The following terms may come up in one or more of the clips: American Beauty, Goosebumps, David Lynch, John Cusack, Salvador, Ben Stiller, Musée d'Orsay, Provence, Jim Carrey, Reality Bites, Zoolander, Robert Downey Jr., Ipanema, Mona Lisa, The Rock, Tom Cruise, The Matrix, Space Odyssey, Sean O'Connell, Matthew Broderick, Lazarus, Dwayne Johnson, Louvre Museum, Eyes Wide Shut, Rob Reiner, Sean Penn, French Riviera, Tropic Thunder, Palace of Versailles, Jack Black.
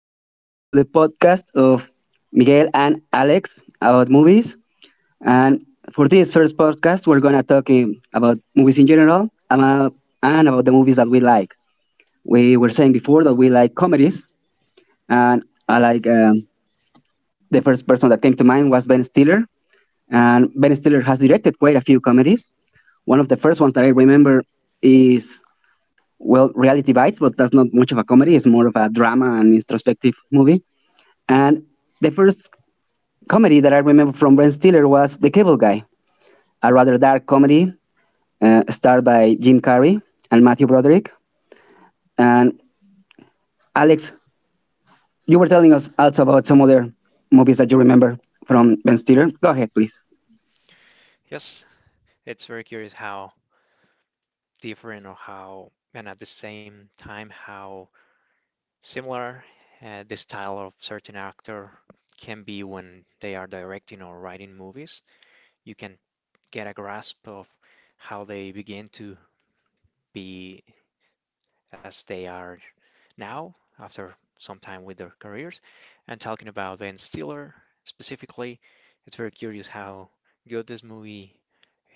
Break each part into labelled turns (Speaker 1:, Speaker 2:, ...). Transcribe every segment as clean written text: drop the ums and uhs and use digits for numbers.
Speaker 1: And welcome to the podcast of Miguel and Alex about movies. And for this first podcast, we're going to talk about movies in general and about the movies that we like. We were saying before that we like comedies, and I like the first person that came to mind was Ben Stiller. And Ben Stiller has directed quite a few comedies. One of the first ones that I remember is, well, Reality Bites, but that's not much of a comedy, it's more of a drama and introspective movie. And the first comedy that I remember from Ben Stiller was The Cable Guy, a rather dark comedy starred by Jim Carrey and Matthew Broderick. And Alex, you were telling us also about some other movies that you remember from Ben Stiller. Go ahead, please.
Speaker 2: Yes, it's very curious how different or how, and at the same time, how similar the style of certain actor can be when they are directing or writing movies. You can get a grasp of how they begin to be as they are now after some time with their careers. And talking about Ben Stiller specifically, it's very curious how good this movie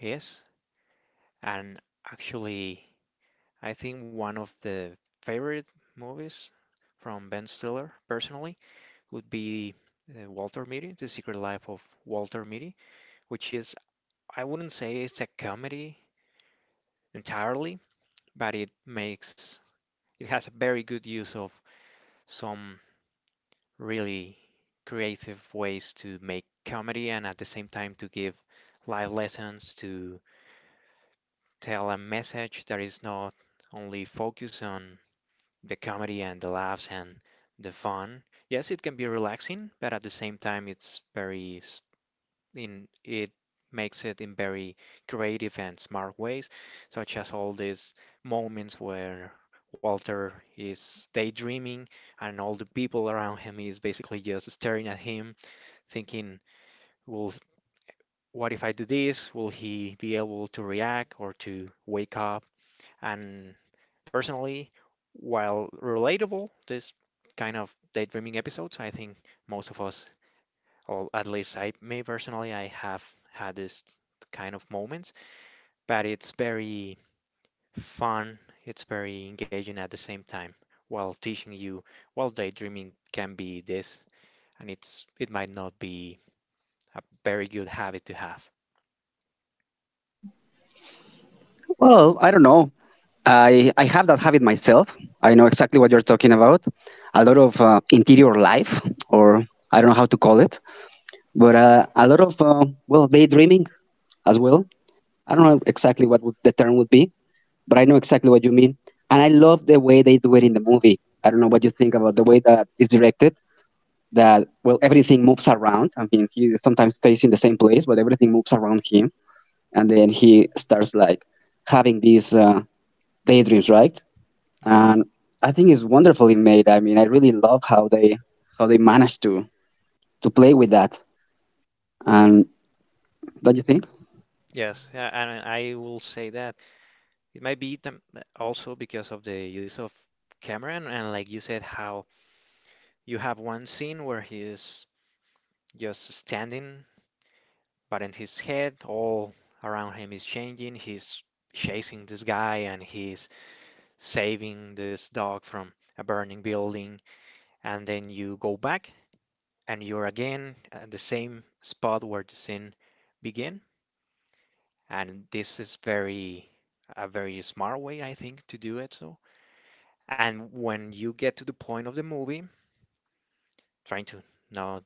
Speaker 2: is and actually. I think one of the favorite movies from Ben Stiller, personally, would be Walter Mitty, The Secret Life of Walter Mitty, which is, I wouldn't say it's a comedy entirely, but it makes, it has a very good use of some really creative ways to make comedy and at the same time to give life lessons, to tell a message that is not only focused on the comedy and the laughs and the fun. Yes, it can be relaxing, but at the same time, it's very in it makes it in very creative and smart ways, such as all these moments where Walter is daydreaming and all the people around him is basically just staring at him, thinking, "Will what if I do this? Will he be able to react or to wake up?" And personally, while relatable, this kind of daydreaming episodes, I think most of us, or at least I, me personally, I have had this kind of moments, but it's very fun, it's very engaging at the same time, while teaching you, well, daydreaming can be this, and it's it might not be a very good habit to have.
Speaker 1: Well, I don't know. I have that habit myself. I know exactly what you're talking about. A lot of interior life, or I don't know how to call it, but a lot of well, daydreaming as well. I don't know exactly what would, the term would be, but I know exactly what you mean. And I love the way they do it in the movie. I don't know what you think about the way that it's directed. That well, everything moves around. I mean, he sometimes stays in the same place, but everything moves around him, and then he starts like having these daydreams, right?
Speaker 2: Yeah,
Speaker 1: And I think it's wonderfully made. I mean, I really love how they managed to play with that.
Speaker 2: yeah,
Speaker 1: And don't you think?
Speaker 2: yes, yeah, and I will say that it might be them also because of the use of Cameron and like you said how you have one scene where he is just standing, but in his head all around him is changing. He's chasing this guy and he's saving this dog from a burning building and then you go back and you're again at the same spot where the scene began, and this is very a very smart way I think to do it so. And when you get to the point of the movie, trying to not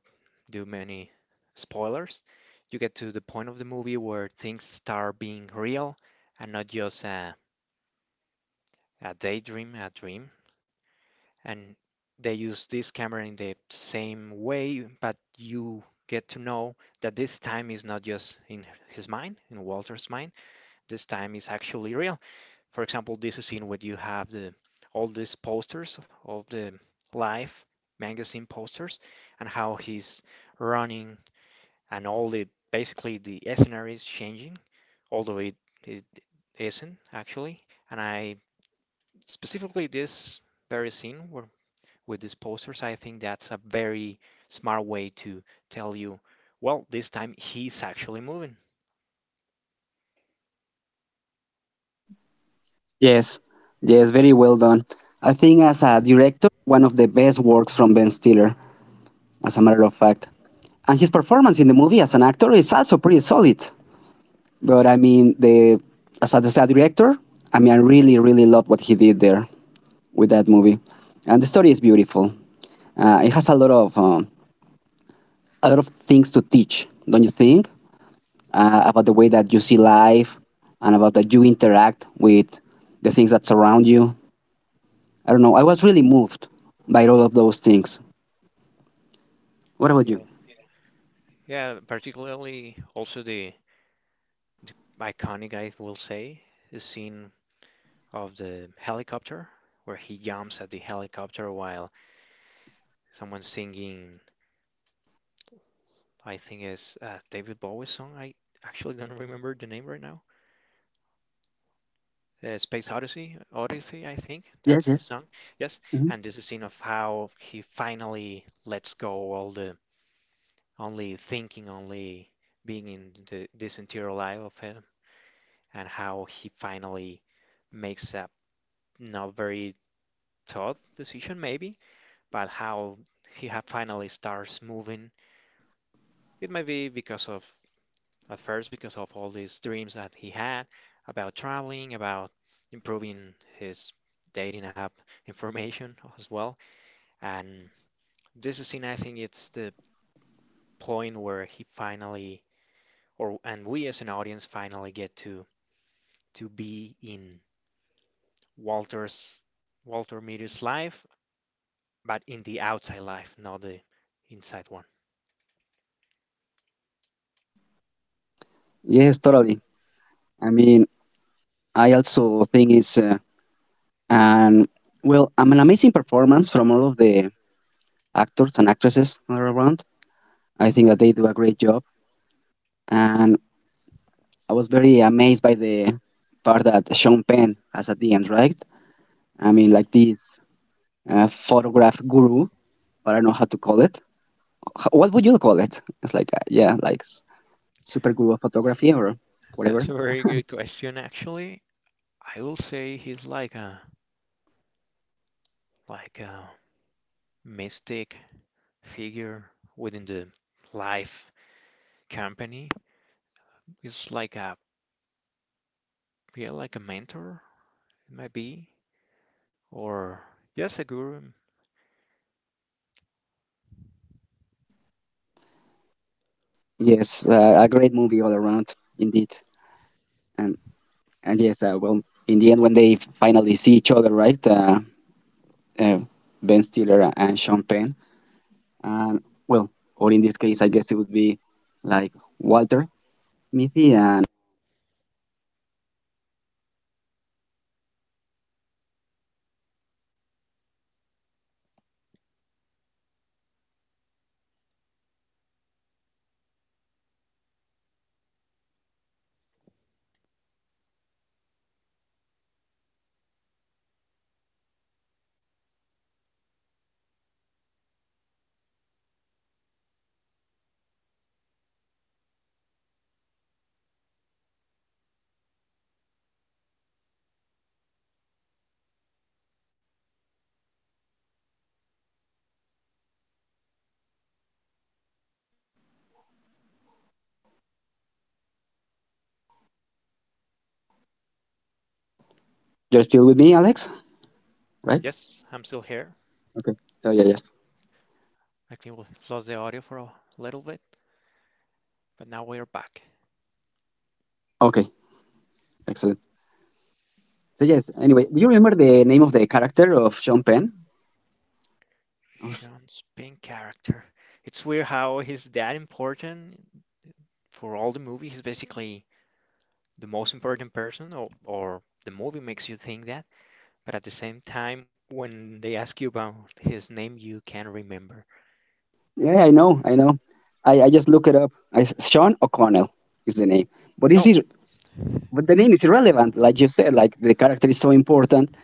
Speaker 2: do many spoilers, you get to the point of the movie where things start being real and not just a daydream, a dream. And they use this camera in the same way, but you get to know that this time is not just in his mind, in Walter's mind, this time is actually real. For example, this scene where you have the all these posters of the life magazine posters and how he's running and all the basically the scenario is changing, although it isn't actually. And I specifically this very scene where, with these posters, I think that's a very smart way to tell you, well, this time he's actually moving.
Speaker 1: Yes, yes, very well done. I think as a director, one of the best works from Ben Stiller, as a matter of fact. And his performance in the movie as an actor is also pretty solid. But I mean, the as a director, I mean, I really, really love what he did there with that movie. And the story is beautiful. It has a lot of things to teach, don't you think? About the way that you see life and about that you interact with the things that surround you. I don't know. I was really moved by all of those things. What about you?
Speaker 2: Yeah, yeah, particularly also the iconic, I will say, the scene of the helicopter where he jumps at the helicopter while someone's singing I think is David Bowie's song. I actually don't remember the name right now. Space Odyssey, Odyssey, I think
Speaker 1: Yes,
Speaker 2: that's the
Speaker 1: yes.
Speaker 2: song. Yes,
Speaker 1: Hmm.
Speaker 2: and this is scene of how he finally lets go all the only thinking, only being in the, this interior life of him, and how he finally makes a not very thought decision maybe, but how he ha finally starts moving. It might be because of at first because of all these dreams that he had about traveling, about improving his dating app information as well. And this scene, I think, it's the point where he finally, or and we as an audience finally get to be in Walter's Walter Mitty's life, but in the outside life, not the inside one.
Speaker 1: Yes, totally. I mean, I also think it's an well, an amazing performance from all of the actors and actresses all around. I think that they do a great job, and I was very amazed by the part that Sean Penn has at the end, right? I mean, like this photograph guru, but I don't know how to call it. What would you call it? It's like, yeah, like super guru of photography or
Speaker 2: That's
Speaker 1: whatever.
Speaker 2: a very good question, actually. I will say he's like a mystic figure within the life company is like a, yeah, like a mentor, it might be, or yes, a guru.
Speaker 1: Yes, a great movie all around, indeed. And and yes, well, in the end, when they finally see each other, right? Uh, Ben Stiller and Sean Penn, and well, or in this case, I guess it would be like Walter Mitty. And you're still with me, Alex, right?
Speaker 2: Yes, I'm still here.
Speaker 1: Okay. Oh yeah, yes.
Speaker 2: I think we lost the audio for a little bit, but now we are back.
Speaker 1: Okay, excellent. So yes. Anyway, do you remember the name of the character of Sean Penn?
Speaker 2: Sean's pink character, it's weird how he's that important for all the movie. He's basically the most important person, or the movie makes you think that, but at the same time when they ask you about his name, you can't remember.
Speaker 1: Yeah, I know, I know. I just look it up. I, Sean O'Connell is the name, but is
Speaker 2: Oh,
Speaker 1: it? But the name is irrelevant, like you said. Like the character is so important,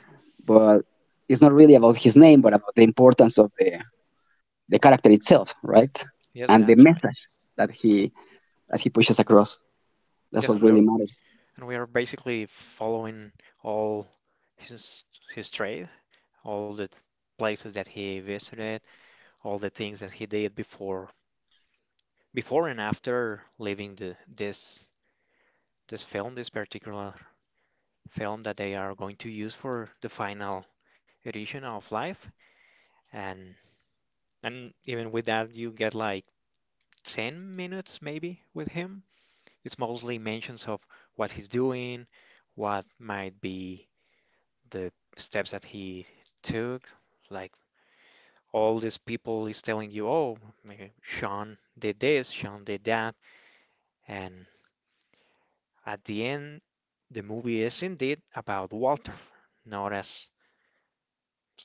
Speaker 1: but it's not really about his name, but about the importance of the character itself, right?
Speaker 2: yes,
Speaker 1: And the
Speaker 2: that's right.
Speaker 1: message that he that he pushes across. That's
Speaker 2: Yes, and
Speaker 1: what
Speaker 2: we're
Speaker 1: really matters.
Speaker 2: and we are basically following all his his trade, all the places that he visited, all the things that he did before and after leaving the this this film, this particular film that they are going to use for the final edition of Life. And and even with that you get like 10 minutes maybe with him. It's mostly mentions of what he's doing, what might be the steps that he took. Like all these people is telling you, oh, Sean did this, Sean did that. And at the end, the movie is indeed about Walter, not as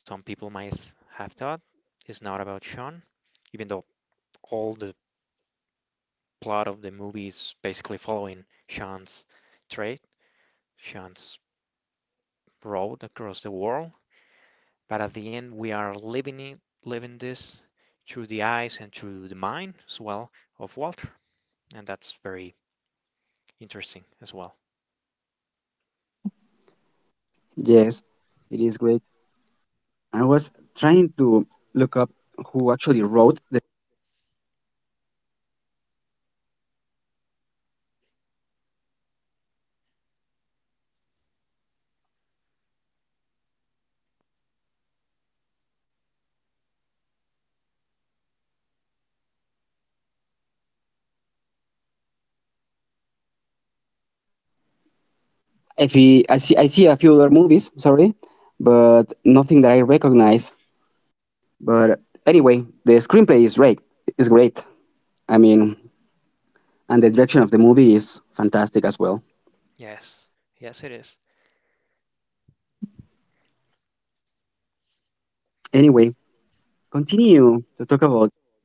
Speaker 2: some people might have thought. It's not about Sean, even though all the plot of the movie is basically following Sean's trade, Sean's road across the world. But at the end we are living it, living this through the eyes and through the mind as well of Walter, and that's very interesting as well.
Speaker 1: Yes, it is great. I was trying to look up who actually wrote. The, if he, I see a few other movies. Sorry, but nothing that I recognize. But anyway, the screenplay is great. It's great. I mean, and the direction of the movie is fantastic as well.
Speaker 2: Yes, yes, it is.
Speaker 1: Anyway, continue to talk about.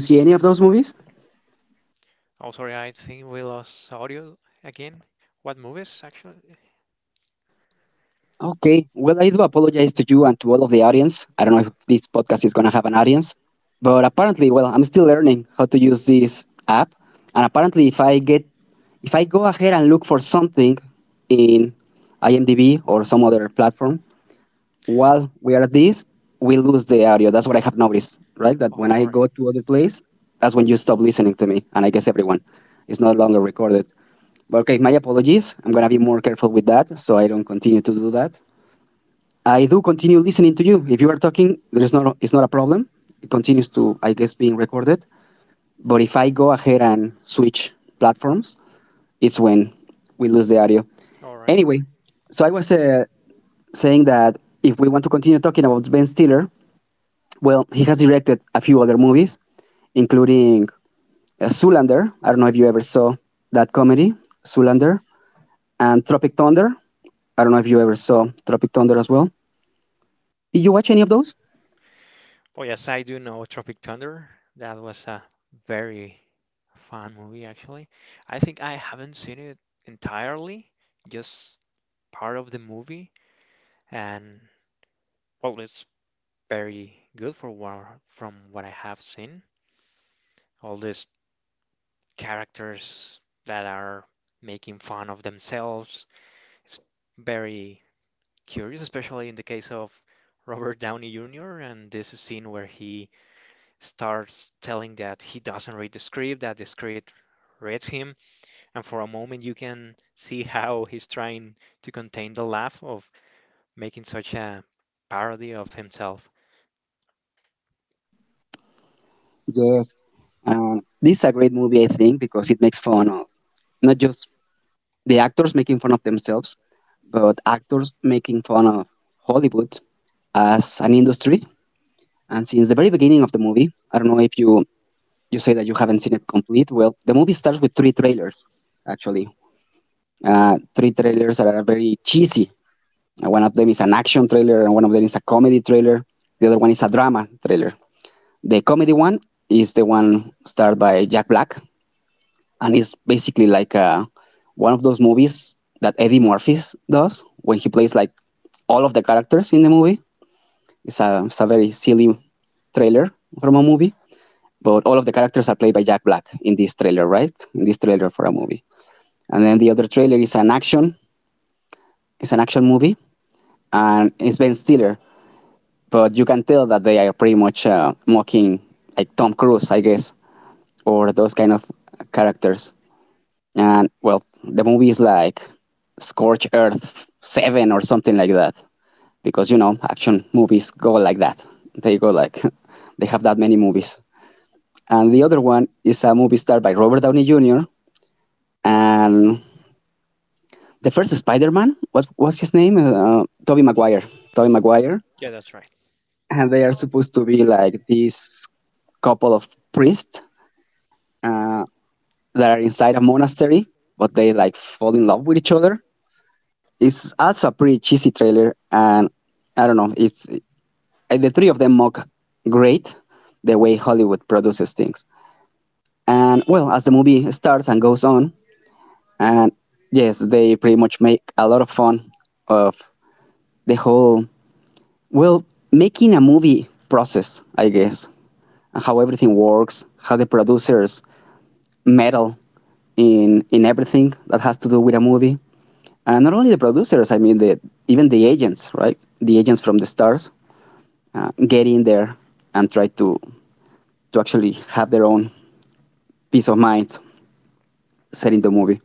Speaker 1: Did you see any of those movies?
Speaker 2: Oh, sorry, I think we lost audio again. What movies actually?
Speaker 1: Okay. Well, I do apologize to you and to all of the audience. I don't know if this podcast is gonna have an audience, but apparently, well, I'm still learning how to use this app, and apparently, if I go ahead and look for something in IMDb or some other while we are at this, we lose the audio. That's what I have noticed, right? That when I
Speaker 2: All right,
Speaker 1: go to other place, that's when you stop listening to me, and I guess everyone. It's no longer recorded. But okay, my apologies. I'm gonna be more careful with that, so I don't continue to do that. I do continue listening to you. If you are talking, there's not it's not a problem. It continues to, I guess, being recorded. But if I go ahead and switch platforms, it's when we lose the audio.
Speaker 2: all right, all
Speaker 1: Anyway,
Speaker 2: right.
Speaker 1: so I was saying that if we want to continue talking about Ben Stiller, well, he has directed a few other movies, including Zoolander. I don't know if you ever saw that comedy, Zoolander, and Tropic Thunder. I don't know if you ever saw Tropic Thunder as well. Did you watch any of those?
Speaker 2: Oh yes, I do know Tropic Thunder. That was a very fun movie actually. I think I haven't seen it entirely, just part of the movie, and well, it's very good for what, from what I have seen. All these characters that are making fun of themselves. It's very curious, especially in the case of Robert Downey Jr. And this scene where he starts telling that he doesn't read the script, that the script reads him. And for a moment, you can see how he's trying to contain the laugh of making such a parody of himself.
Speaker 1: Yes. This is a great movie, I think, because it makes fun of not just the actors making fun of themselves, but actors making fun of Hollywood as an industry. And since the very beginning of the movie, I don't know if you you say that you haven't seen it complete. Well, the movie starts with three trailers, actually. Three trailers that are very cheesy. One of them is an action trailer, and one of them is a comedy trailer. The other one is a drama trailer. The comedy one is the one starred by Jack Black, and it's basically like one of those movies that Eddie Murphy does when he plays like all of the characters in the movie. It's a very silly trailer from a movie. But all of the characters are played by Jack Black in this trailer, right? In this trailer for a movie. And then the other trailer is an action. It's an action movie, and it's Ben Stiller. But you can tell that they are pretty much mocking like Tom Cruise, I guess, or those kind of characters. And well, the movie is like Scorch Earth Seven or something like that, because you know action movies go like that. They go like they have that many movies. And the other one is a movie starred by Robert Downey Jr. and the first Spider-Man, what was his name? Toby Maguire. Tobey Maguire,
Speaker 2: Yeah, that's right.
Speaker 1: and they are supposed to be like this couple of priests uh, that are inside a monastery, but they like fall in love with each other. It's also a pretty cheesy trailer, and I don't know. It's the three of them mock great the way Hollywood produces things. And well, as the movie starts and goes on, and yes, they pretty much make a lot of fun of the whole, well, making a movie process, I guess, and how everything works, how the producers meddle in everything that has to do with a movie, and not only the producers. I mean, the even the agents, right? The agents from the stars get in there and try to actually have their own peace of mind setting the movie.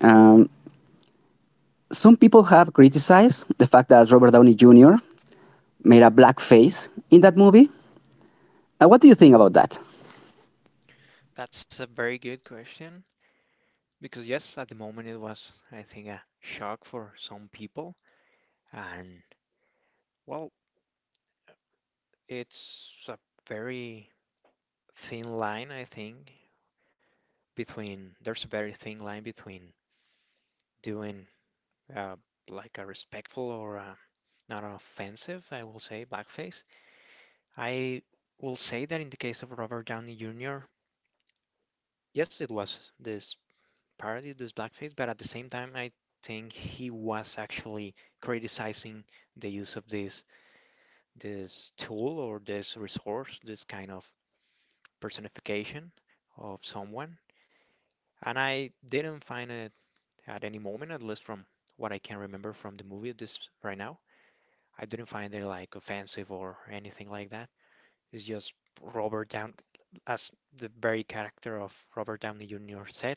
Speaker 1: Um, some people have criticized the fact that Robert Downey Jr. made a black face in that movie. What do you think about that?
Speaker 2: That's a very good question. Because yes, at the moment it was, I think, a shock for some people. And well, it's a very thin line, I think, between there's a very thin line between doing uh, like a respectful or a, not offensive, I will say, blackface. I will say that in the case of Robert Downey Jr., yes, it was this parody, this blackface, but at the same time, I think he was actually criticizing the use of this tool or this resource, this kind of personification of someone. And I didn't find it at any moment, at least from what I can remember from the movie this right now. I didn't find it like offensive or anything like that. It's just Robert Down as the very character of Robert Downey Jr. said,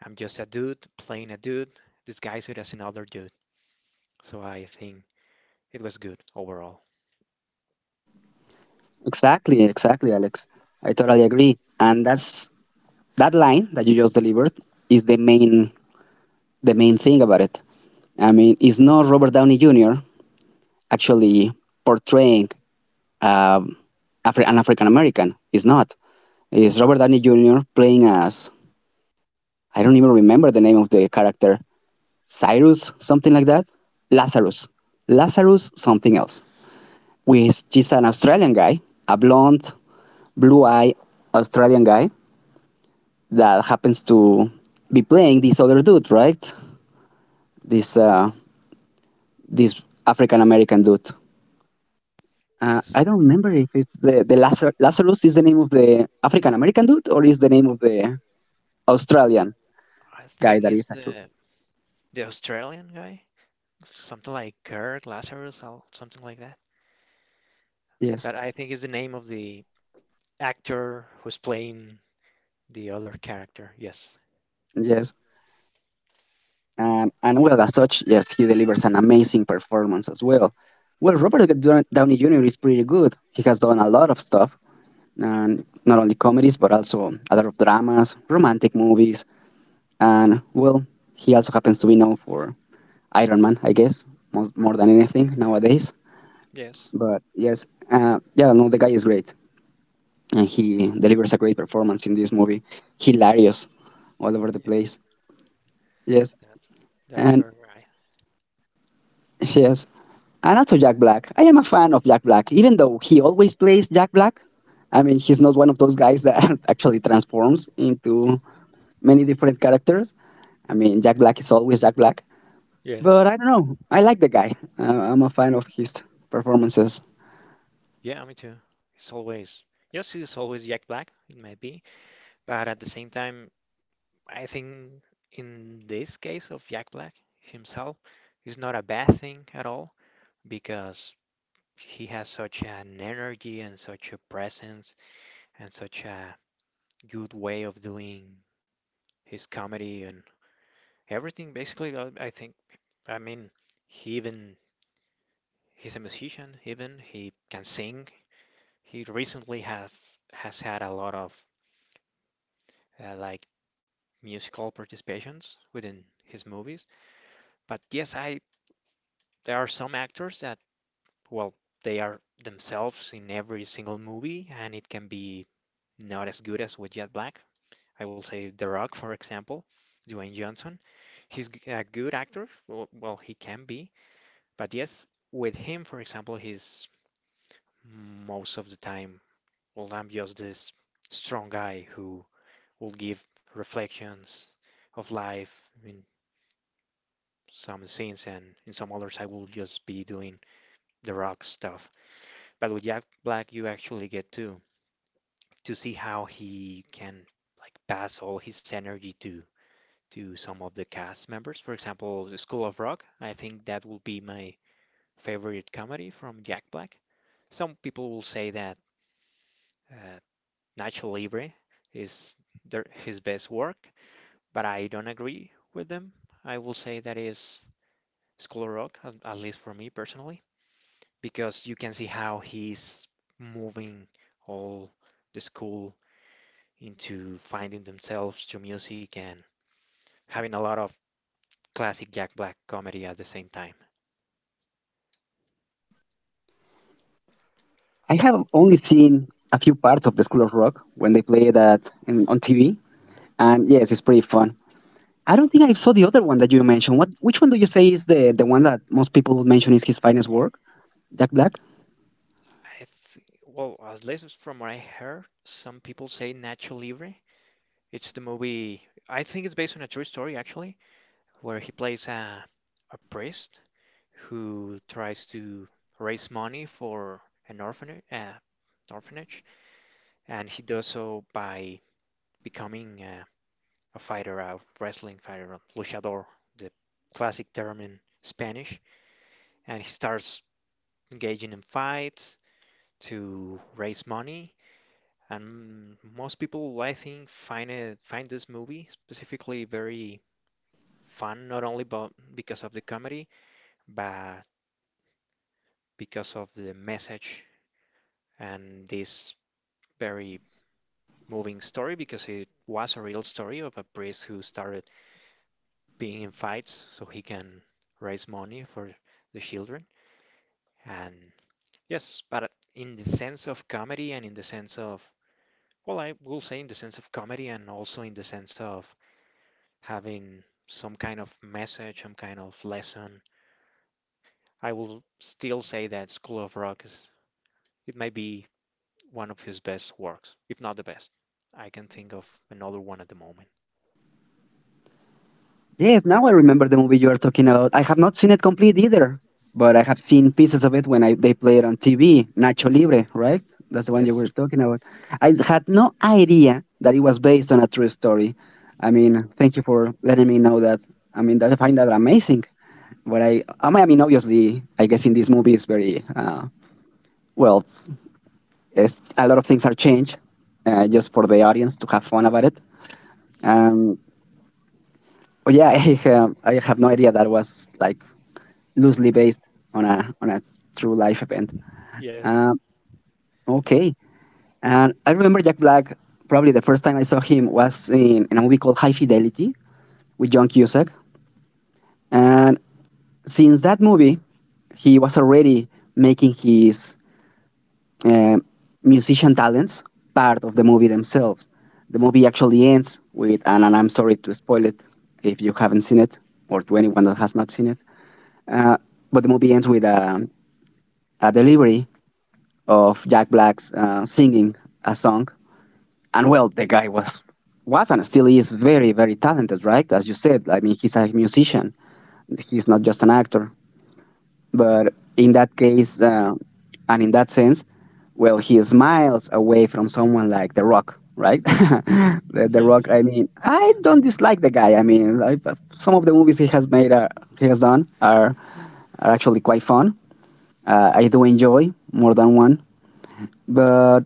Speaker 2: I'm just a dude playing a dude, disguised as another dude. So I think it was good overall.
Speaker 1: Exactly, exactly, Alex. I totally agree. And that's that line that you just delivered is the main thing about it. I mean, it's not Robert Downey Jr. actually portraying um, an African American. It's not. It's Robert Downey Jr. playing as I don't even remember the name of the character. Cyrus, something like that. Lazarus. Lazarus, something else. Which is an Australian guy, a blonde, blue eye Australian guy that happens to be playing this other dude, right? This this African American dude.
Speaker 2: Yes,
Speaker 1: I don't
Speaker 2: right.
Speaker 1: remember if it's Lazarus is the name of the African American dude or is the name of the Australian
Speaker 2: I
Speaker 1: guy
Speaker 2: think
Speaker 1: that
Speaker 2: it's
Speaker 1: is actually.
Speaker 2: the Australian guy. Something like Kirk Lazarus, or something like that.
Speaker 1: Yes,
Speaker 2: That I think is the name of the actor who's playing the other character. Yes,
Speaker 1: yes. And well, as such, yes, he delivers an amazing performance as well. Well, Downey Jr. is pretty good. He has done a lot of stuff, and not only comedies, but also a lot of dramas, romantic movies, and well, he also happens to be known for Iron Man, I guess, more than anything nowadays.
Speaker 2: yes,
Speaker 1: But yes, yeah, no, the guy is great, and he delivers a great performance in this movie. Hilarious, all over the
Speaker 2: yeah,
Speaker 1: place. Yes,
Speaker 2: that's that's
Speaker 1: and
Speaker 2: very right.
Speaker 1: yes, and also Jack Black. I am a fan of Jack Black, even though he always plays Jack Black. I mean, he's not one of those guys that actually transforms into many different characters. I mean, Jack Black is always Jack Black.
Speaker 2: Yes,
Speaker 1: But I don't know. I like the guy. I'm a fan of his performances.
Speaker 2: yeah, me too. It's always yes, it's always Jack Black. It may be, but at the same time, I think in this case of Jack Black himself, it's not a bad thing at all because he has such an energy and such a presence and such a good way of doing his comedy and everything. Basically, I think, I mean, he even he's a musician. Even he can sing. He recently have has had a lot of like musical participations within his movies. But yes, I there are some actors that well they are themselves in every single movie, and it can be not as good as with Jet Black. I will say The Rock, for example, Dwayne Johnson. He's a good actor. Well, well, he can be. But yes, with him, for example, he's most of the time, well, I'm just this strong guy who will give reflections of life in some scenes, and in some others, I will just be doing the rock stuff. But with Jack Black, you actually get to see how he can like pass all his energy to some of the cast members. For example, the School of Rock. I think that will be my favorite comedy from Jack Black. Some people will say that uh, Nacho Libre is their, his best work, but I don't agree with them. I will say that is School of Rock, at least for me personally, because you can see how he's moving all the school into finding themselves through music and having a lot of classic Jack Black comedy at the same time.
Speaker 1: I have only seen a few parts of the School of Rock when they play that on TV, and yes, it's pretty fun. I don't think I saw the other one that you mentioned. What? Which one do you say is the one that most people mention is his finest work? Jack Black.
Speaker 2: I th Well, at least from what I heard, some people say Nacho Libre. It's the movie. I think it's based on a true story actually, where he plays a priest who tries to raise money for an orphanage, orphanage, and he does so by becoming a fighter, a wrestling fighter, a luchador, the classic term in Spanish, and he starts engaging in fights to raise money. And most people, I think, find this movie specifically very fun, not only but because of the comedy, but because of the message and this very moving story, because it was a real story of a priest who started being in fights so he can raise money for the children. And yes, but in the sense of comedy and in the sense of, well, I will say in the sense of comedy and also in the sense of having some kind of message, some kind of lesson. I will still say that School of Rock is it might be one of his best works, if not the best. I can think of another one at the moment.
Speaker 1: Yeah, now I remember the movie you are talking about. I have not seen it complete either, but I have seen pieces of it when they play it on TV. Nacho Libre, right? That's the one you were
Speaker 2: Yes.
Speaker 1: talking about. I had no idea that it was based on a true story. I mean, thank you for letting me know that. I mean, I find that amazing. I mean, obviously, I guess in this movie is very well. A lot of things are changed just for the audience to have fun about it. Um, but yeah, I have no idea that was like loosely based on a true life event.
Speaker 2: Yes.
Speaker 1: Um, okay, and I remember Jack Black. Probably the first time I saw him was in a movie called High Fidelity with John Cusack, and since that movie, he was already making his um musician talents part of the movie themselves. The movie actually ends with and I'm sorry to spoil it if you haven't seen it, or to anyone that has not seen it, uh, but the movie ends with a delivery of Jack Black's singing a song. And well, the guy was and still is very very talented, right? As you said, I mean, he's a musician. He's not just an actor. But in that case, and in that sense, well, he is miles away from someone like The Rock, right? The Rock.
Speaker 2: Yes.
Speaker 1: I mean, I don't dislike the guy. Some of the movies he has done, are actually quite fun. I do enjoy more than one, but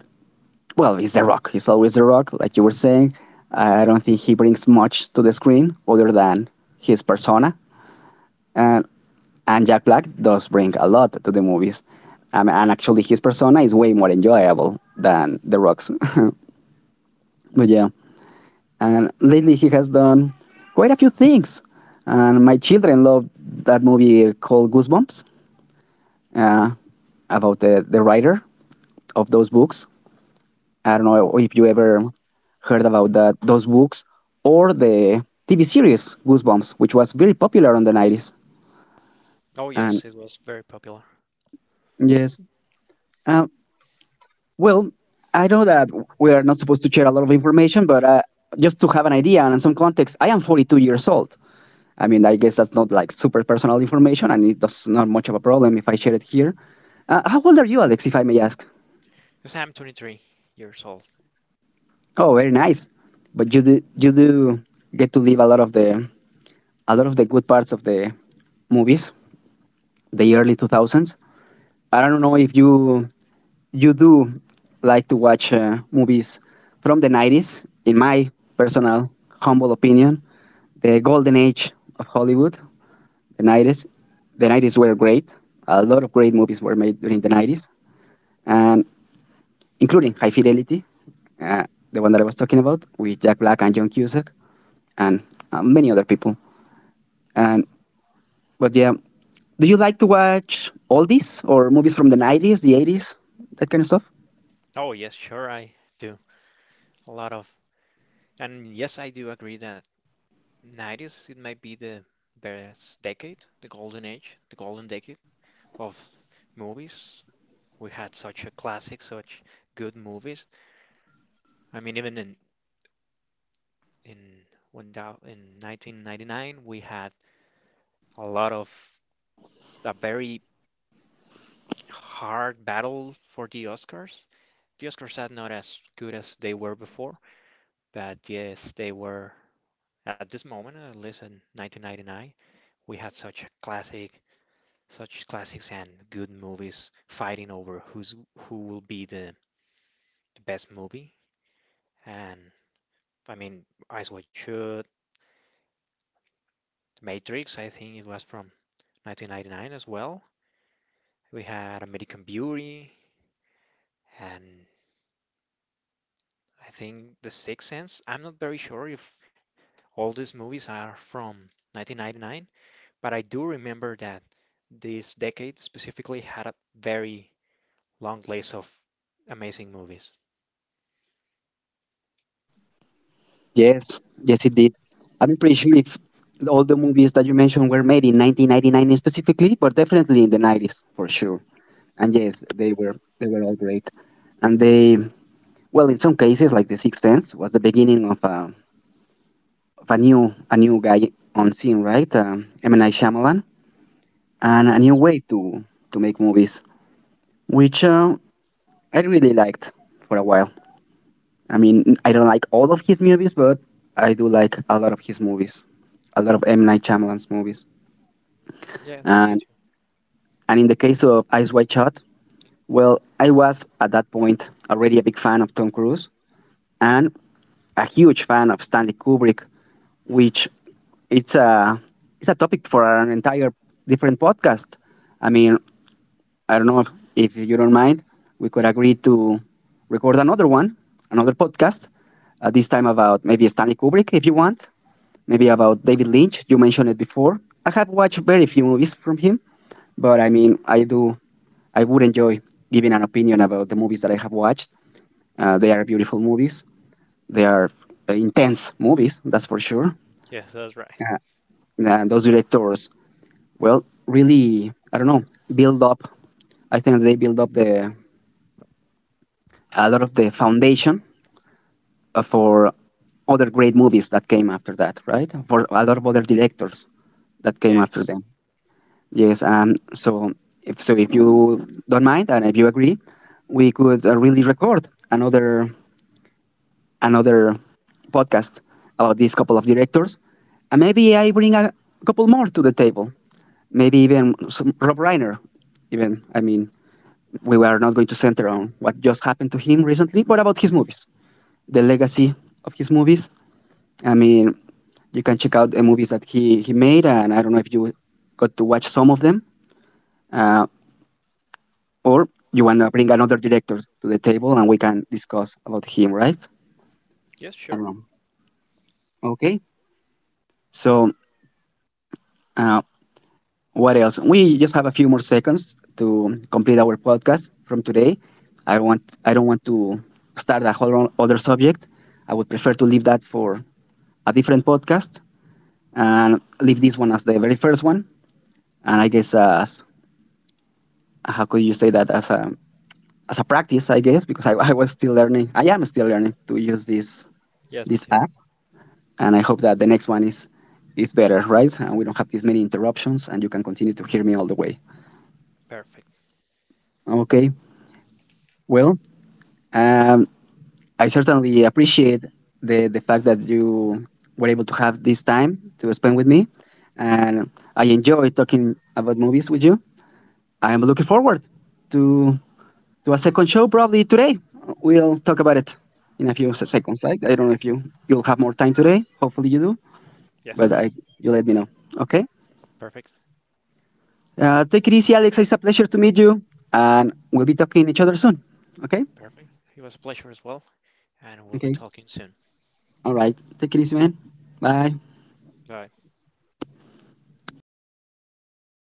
Speaker 1: well, he's the Rock. He's always the Rock, like you were saying. I don't think he brings much to the screen other than his persona, and and Jack Black does bring a lot to the movies. And actually, his persona is way more enjoyable than the Rock's. but yeah, and lately he has done quite a few things, and my children love that movie called Goosebumps uh, about the writer of those books. I don't know if you ever heard about that those books or the TV series Goosebumps, which was very popular in the 90s.
Speaker 2: Oh yes,
Speaker 1: And
Speaker 2: it was very popular.
Speaker 1: yes, um, well, I know that we are not supposed to share a lot of information, but just to have an idea and some context, I am 42 years old. I mean, I guess that's not like super personal information, and it does not much of a problem if I share it here. How old are you, Alex? If I may ask.
Speaker 2: Because I'm 23 years old.
Speaker 1: Oh, very nice. But you do get to live a lot of the a lot of the good parts of the movies, the early 2000s. I don't know if you do like to watch movies from the 90s. In my personal humble opinion, the golden age of Hollywood, the 90s, the 90s were great. A lot of great movies were made during the 90s, and including High Fidelity, uh, the one that I was talking about with Jack Black and John Cusack, and many other people. And But yeah, do you like to watch oldies or movies from the 90s, the 80s, that kind of stuff?
Speaker 2: Oh yes, sure I do. A lot of and yes, I do agree that 90s it might be the best decade, the golden age, the golden decade of movies. We had such a classic, such good movies. I mean, even in when that, in 1999, we had a lot of a very hard battle for the Oscars. The Oscars are not as good as they were before, but yes, they were at this moment, at least in 1999, we had such a classic, such classics and good movies fighting over who will be the best movie. And I mean, Eyes Wide Shut, The Matrix, I think it was from 1999 as well. We had American Beauty and I think The Sixth Sense. I'm not very sure if all these movies are from 1999, but I do remember that this decade specifically had a very long list of amazing movies.
Speaker 1: Yes, yes, it did. I'm pretty sure if all the movies that you mentioned were made in 1999 specifically, but definitely in the 90s for sure. And yes, they were all great. And well, in some cases, like The Sixth Sense, was the beginning of a new guy on scene, right? M. Night Shyamalan, and a
Speaker 2: Oh,
Speaker 1: new way to make movies, which I really liked for a while. I mean, I don't like all of his movies, but I do like a lot of his movies, a lot of M. Night Shyamalan's movies.
Speaker 2: yes, me
Speaker 1: And
Speaker 2: too.
Speaker 1: and in the case of Eyes Wide Shut, well, I was at that point already a big fan of Tom Cruise and a huge fan of Stanley Kubrick, which it's a it's a topic for an entire different podcast. I mean, I don't know if you don't mind, we could agree to record another one, another podcast. This time about maybe Stanley Kubrick, if you want. Maybe about David Lynch. You mentioned it before. I have watched very few movies from him, but I mean, I would enjoy giving an opinion about the movies that I have watched. They are beautiful movies. They are intense movies, that's for sure.
Speaker 2: Yes, that's right.
Speaker 1: Uh, and those directors, well, really, I don't know, build up. I think they build up the a lot of the foundation for other great movies that came after that, right? For a lot of other directors that came after
Speaker 2: Yes.
Speaker 1: them. Yes, so if you don't mind and if you agree, we could really record another podcast about these couple of directors, and maybe I bring a couple more to the table. Maybe even some Rob Reiner. Even I mean, we were not going to center on what just happened to him recently, but about his movies, the legacy of his movies. I mean, you can check out the movies that he made, and I don't know if you got to watch some of them. Uh, Or you want to bring another director to the table and we can discuss about him, right?
Speaker 2: Yes, sure.
Speaker 1: Um, okay. So, uh, what else? We just have a few more seconds to complete our podcast from today. I don't want to start a whole other subject. I would prefer to leave that for a different podcast and leave this one as the very first one. And I guess as how could you say that as a practice, I guess, because I was still learning. I am still learning to use
Speaker 2: Yes, me
Speaker 1: this
Speaker 2: too.
Speaker 1: app. And I hope that the next one is better, right? And we don't have this many interruptions, and you can continue to hear me all the way.
Speaker 2: Perfect.
Speaker 1: Okay. Well, um, I certainly appreciate the fact that you were able to have this time to spend with me, and I enjoy talking about movies with you. I am looking forward to to a second show probably today. We'll talk about it in a few
Speaker 2: Oh,
Speaker 1: seconds, right? I don't know if you'll have more time today. Hopefully you do, but
Speaker 2: yes,
Speaker 1: I you let me know. Okay.
Speaker 2: perfect.
Speaker 1: Take it easy, Alex. It's a pleasure to meet you, and we'll be talking each other soon. Okay?
Speaker 2: Perfect. It was a pleasure as well, and we'll be
Speaker 1: Okay.
Speaker 2: talking soon.
Speaker 1: All right. Take it easy, man. Bye.
Speaker 2: Bye.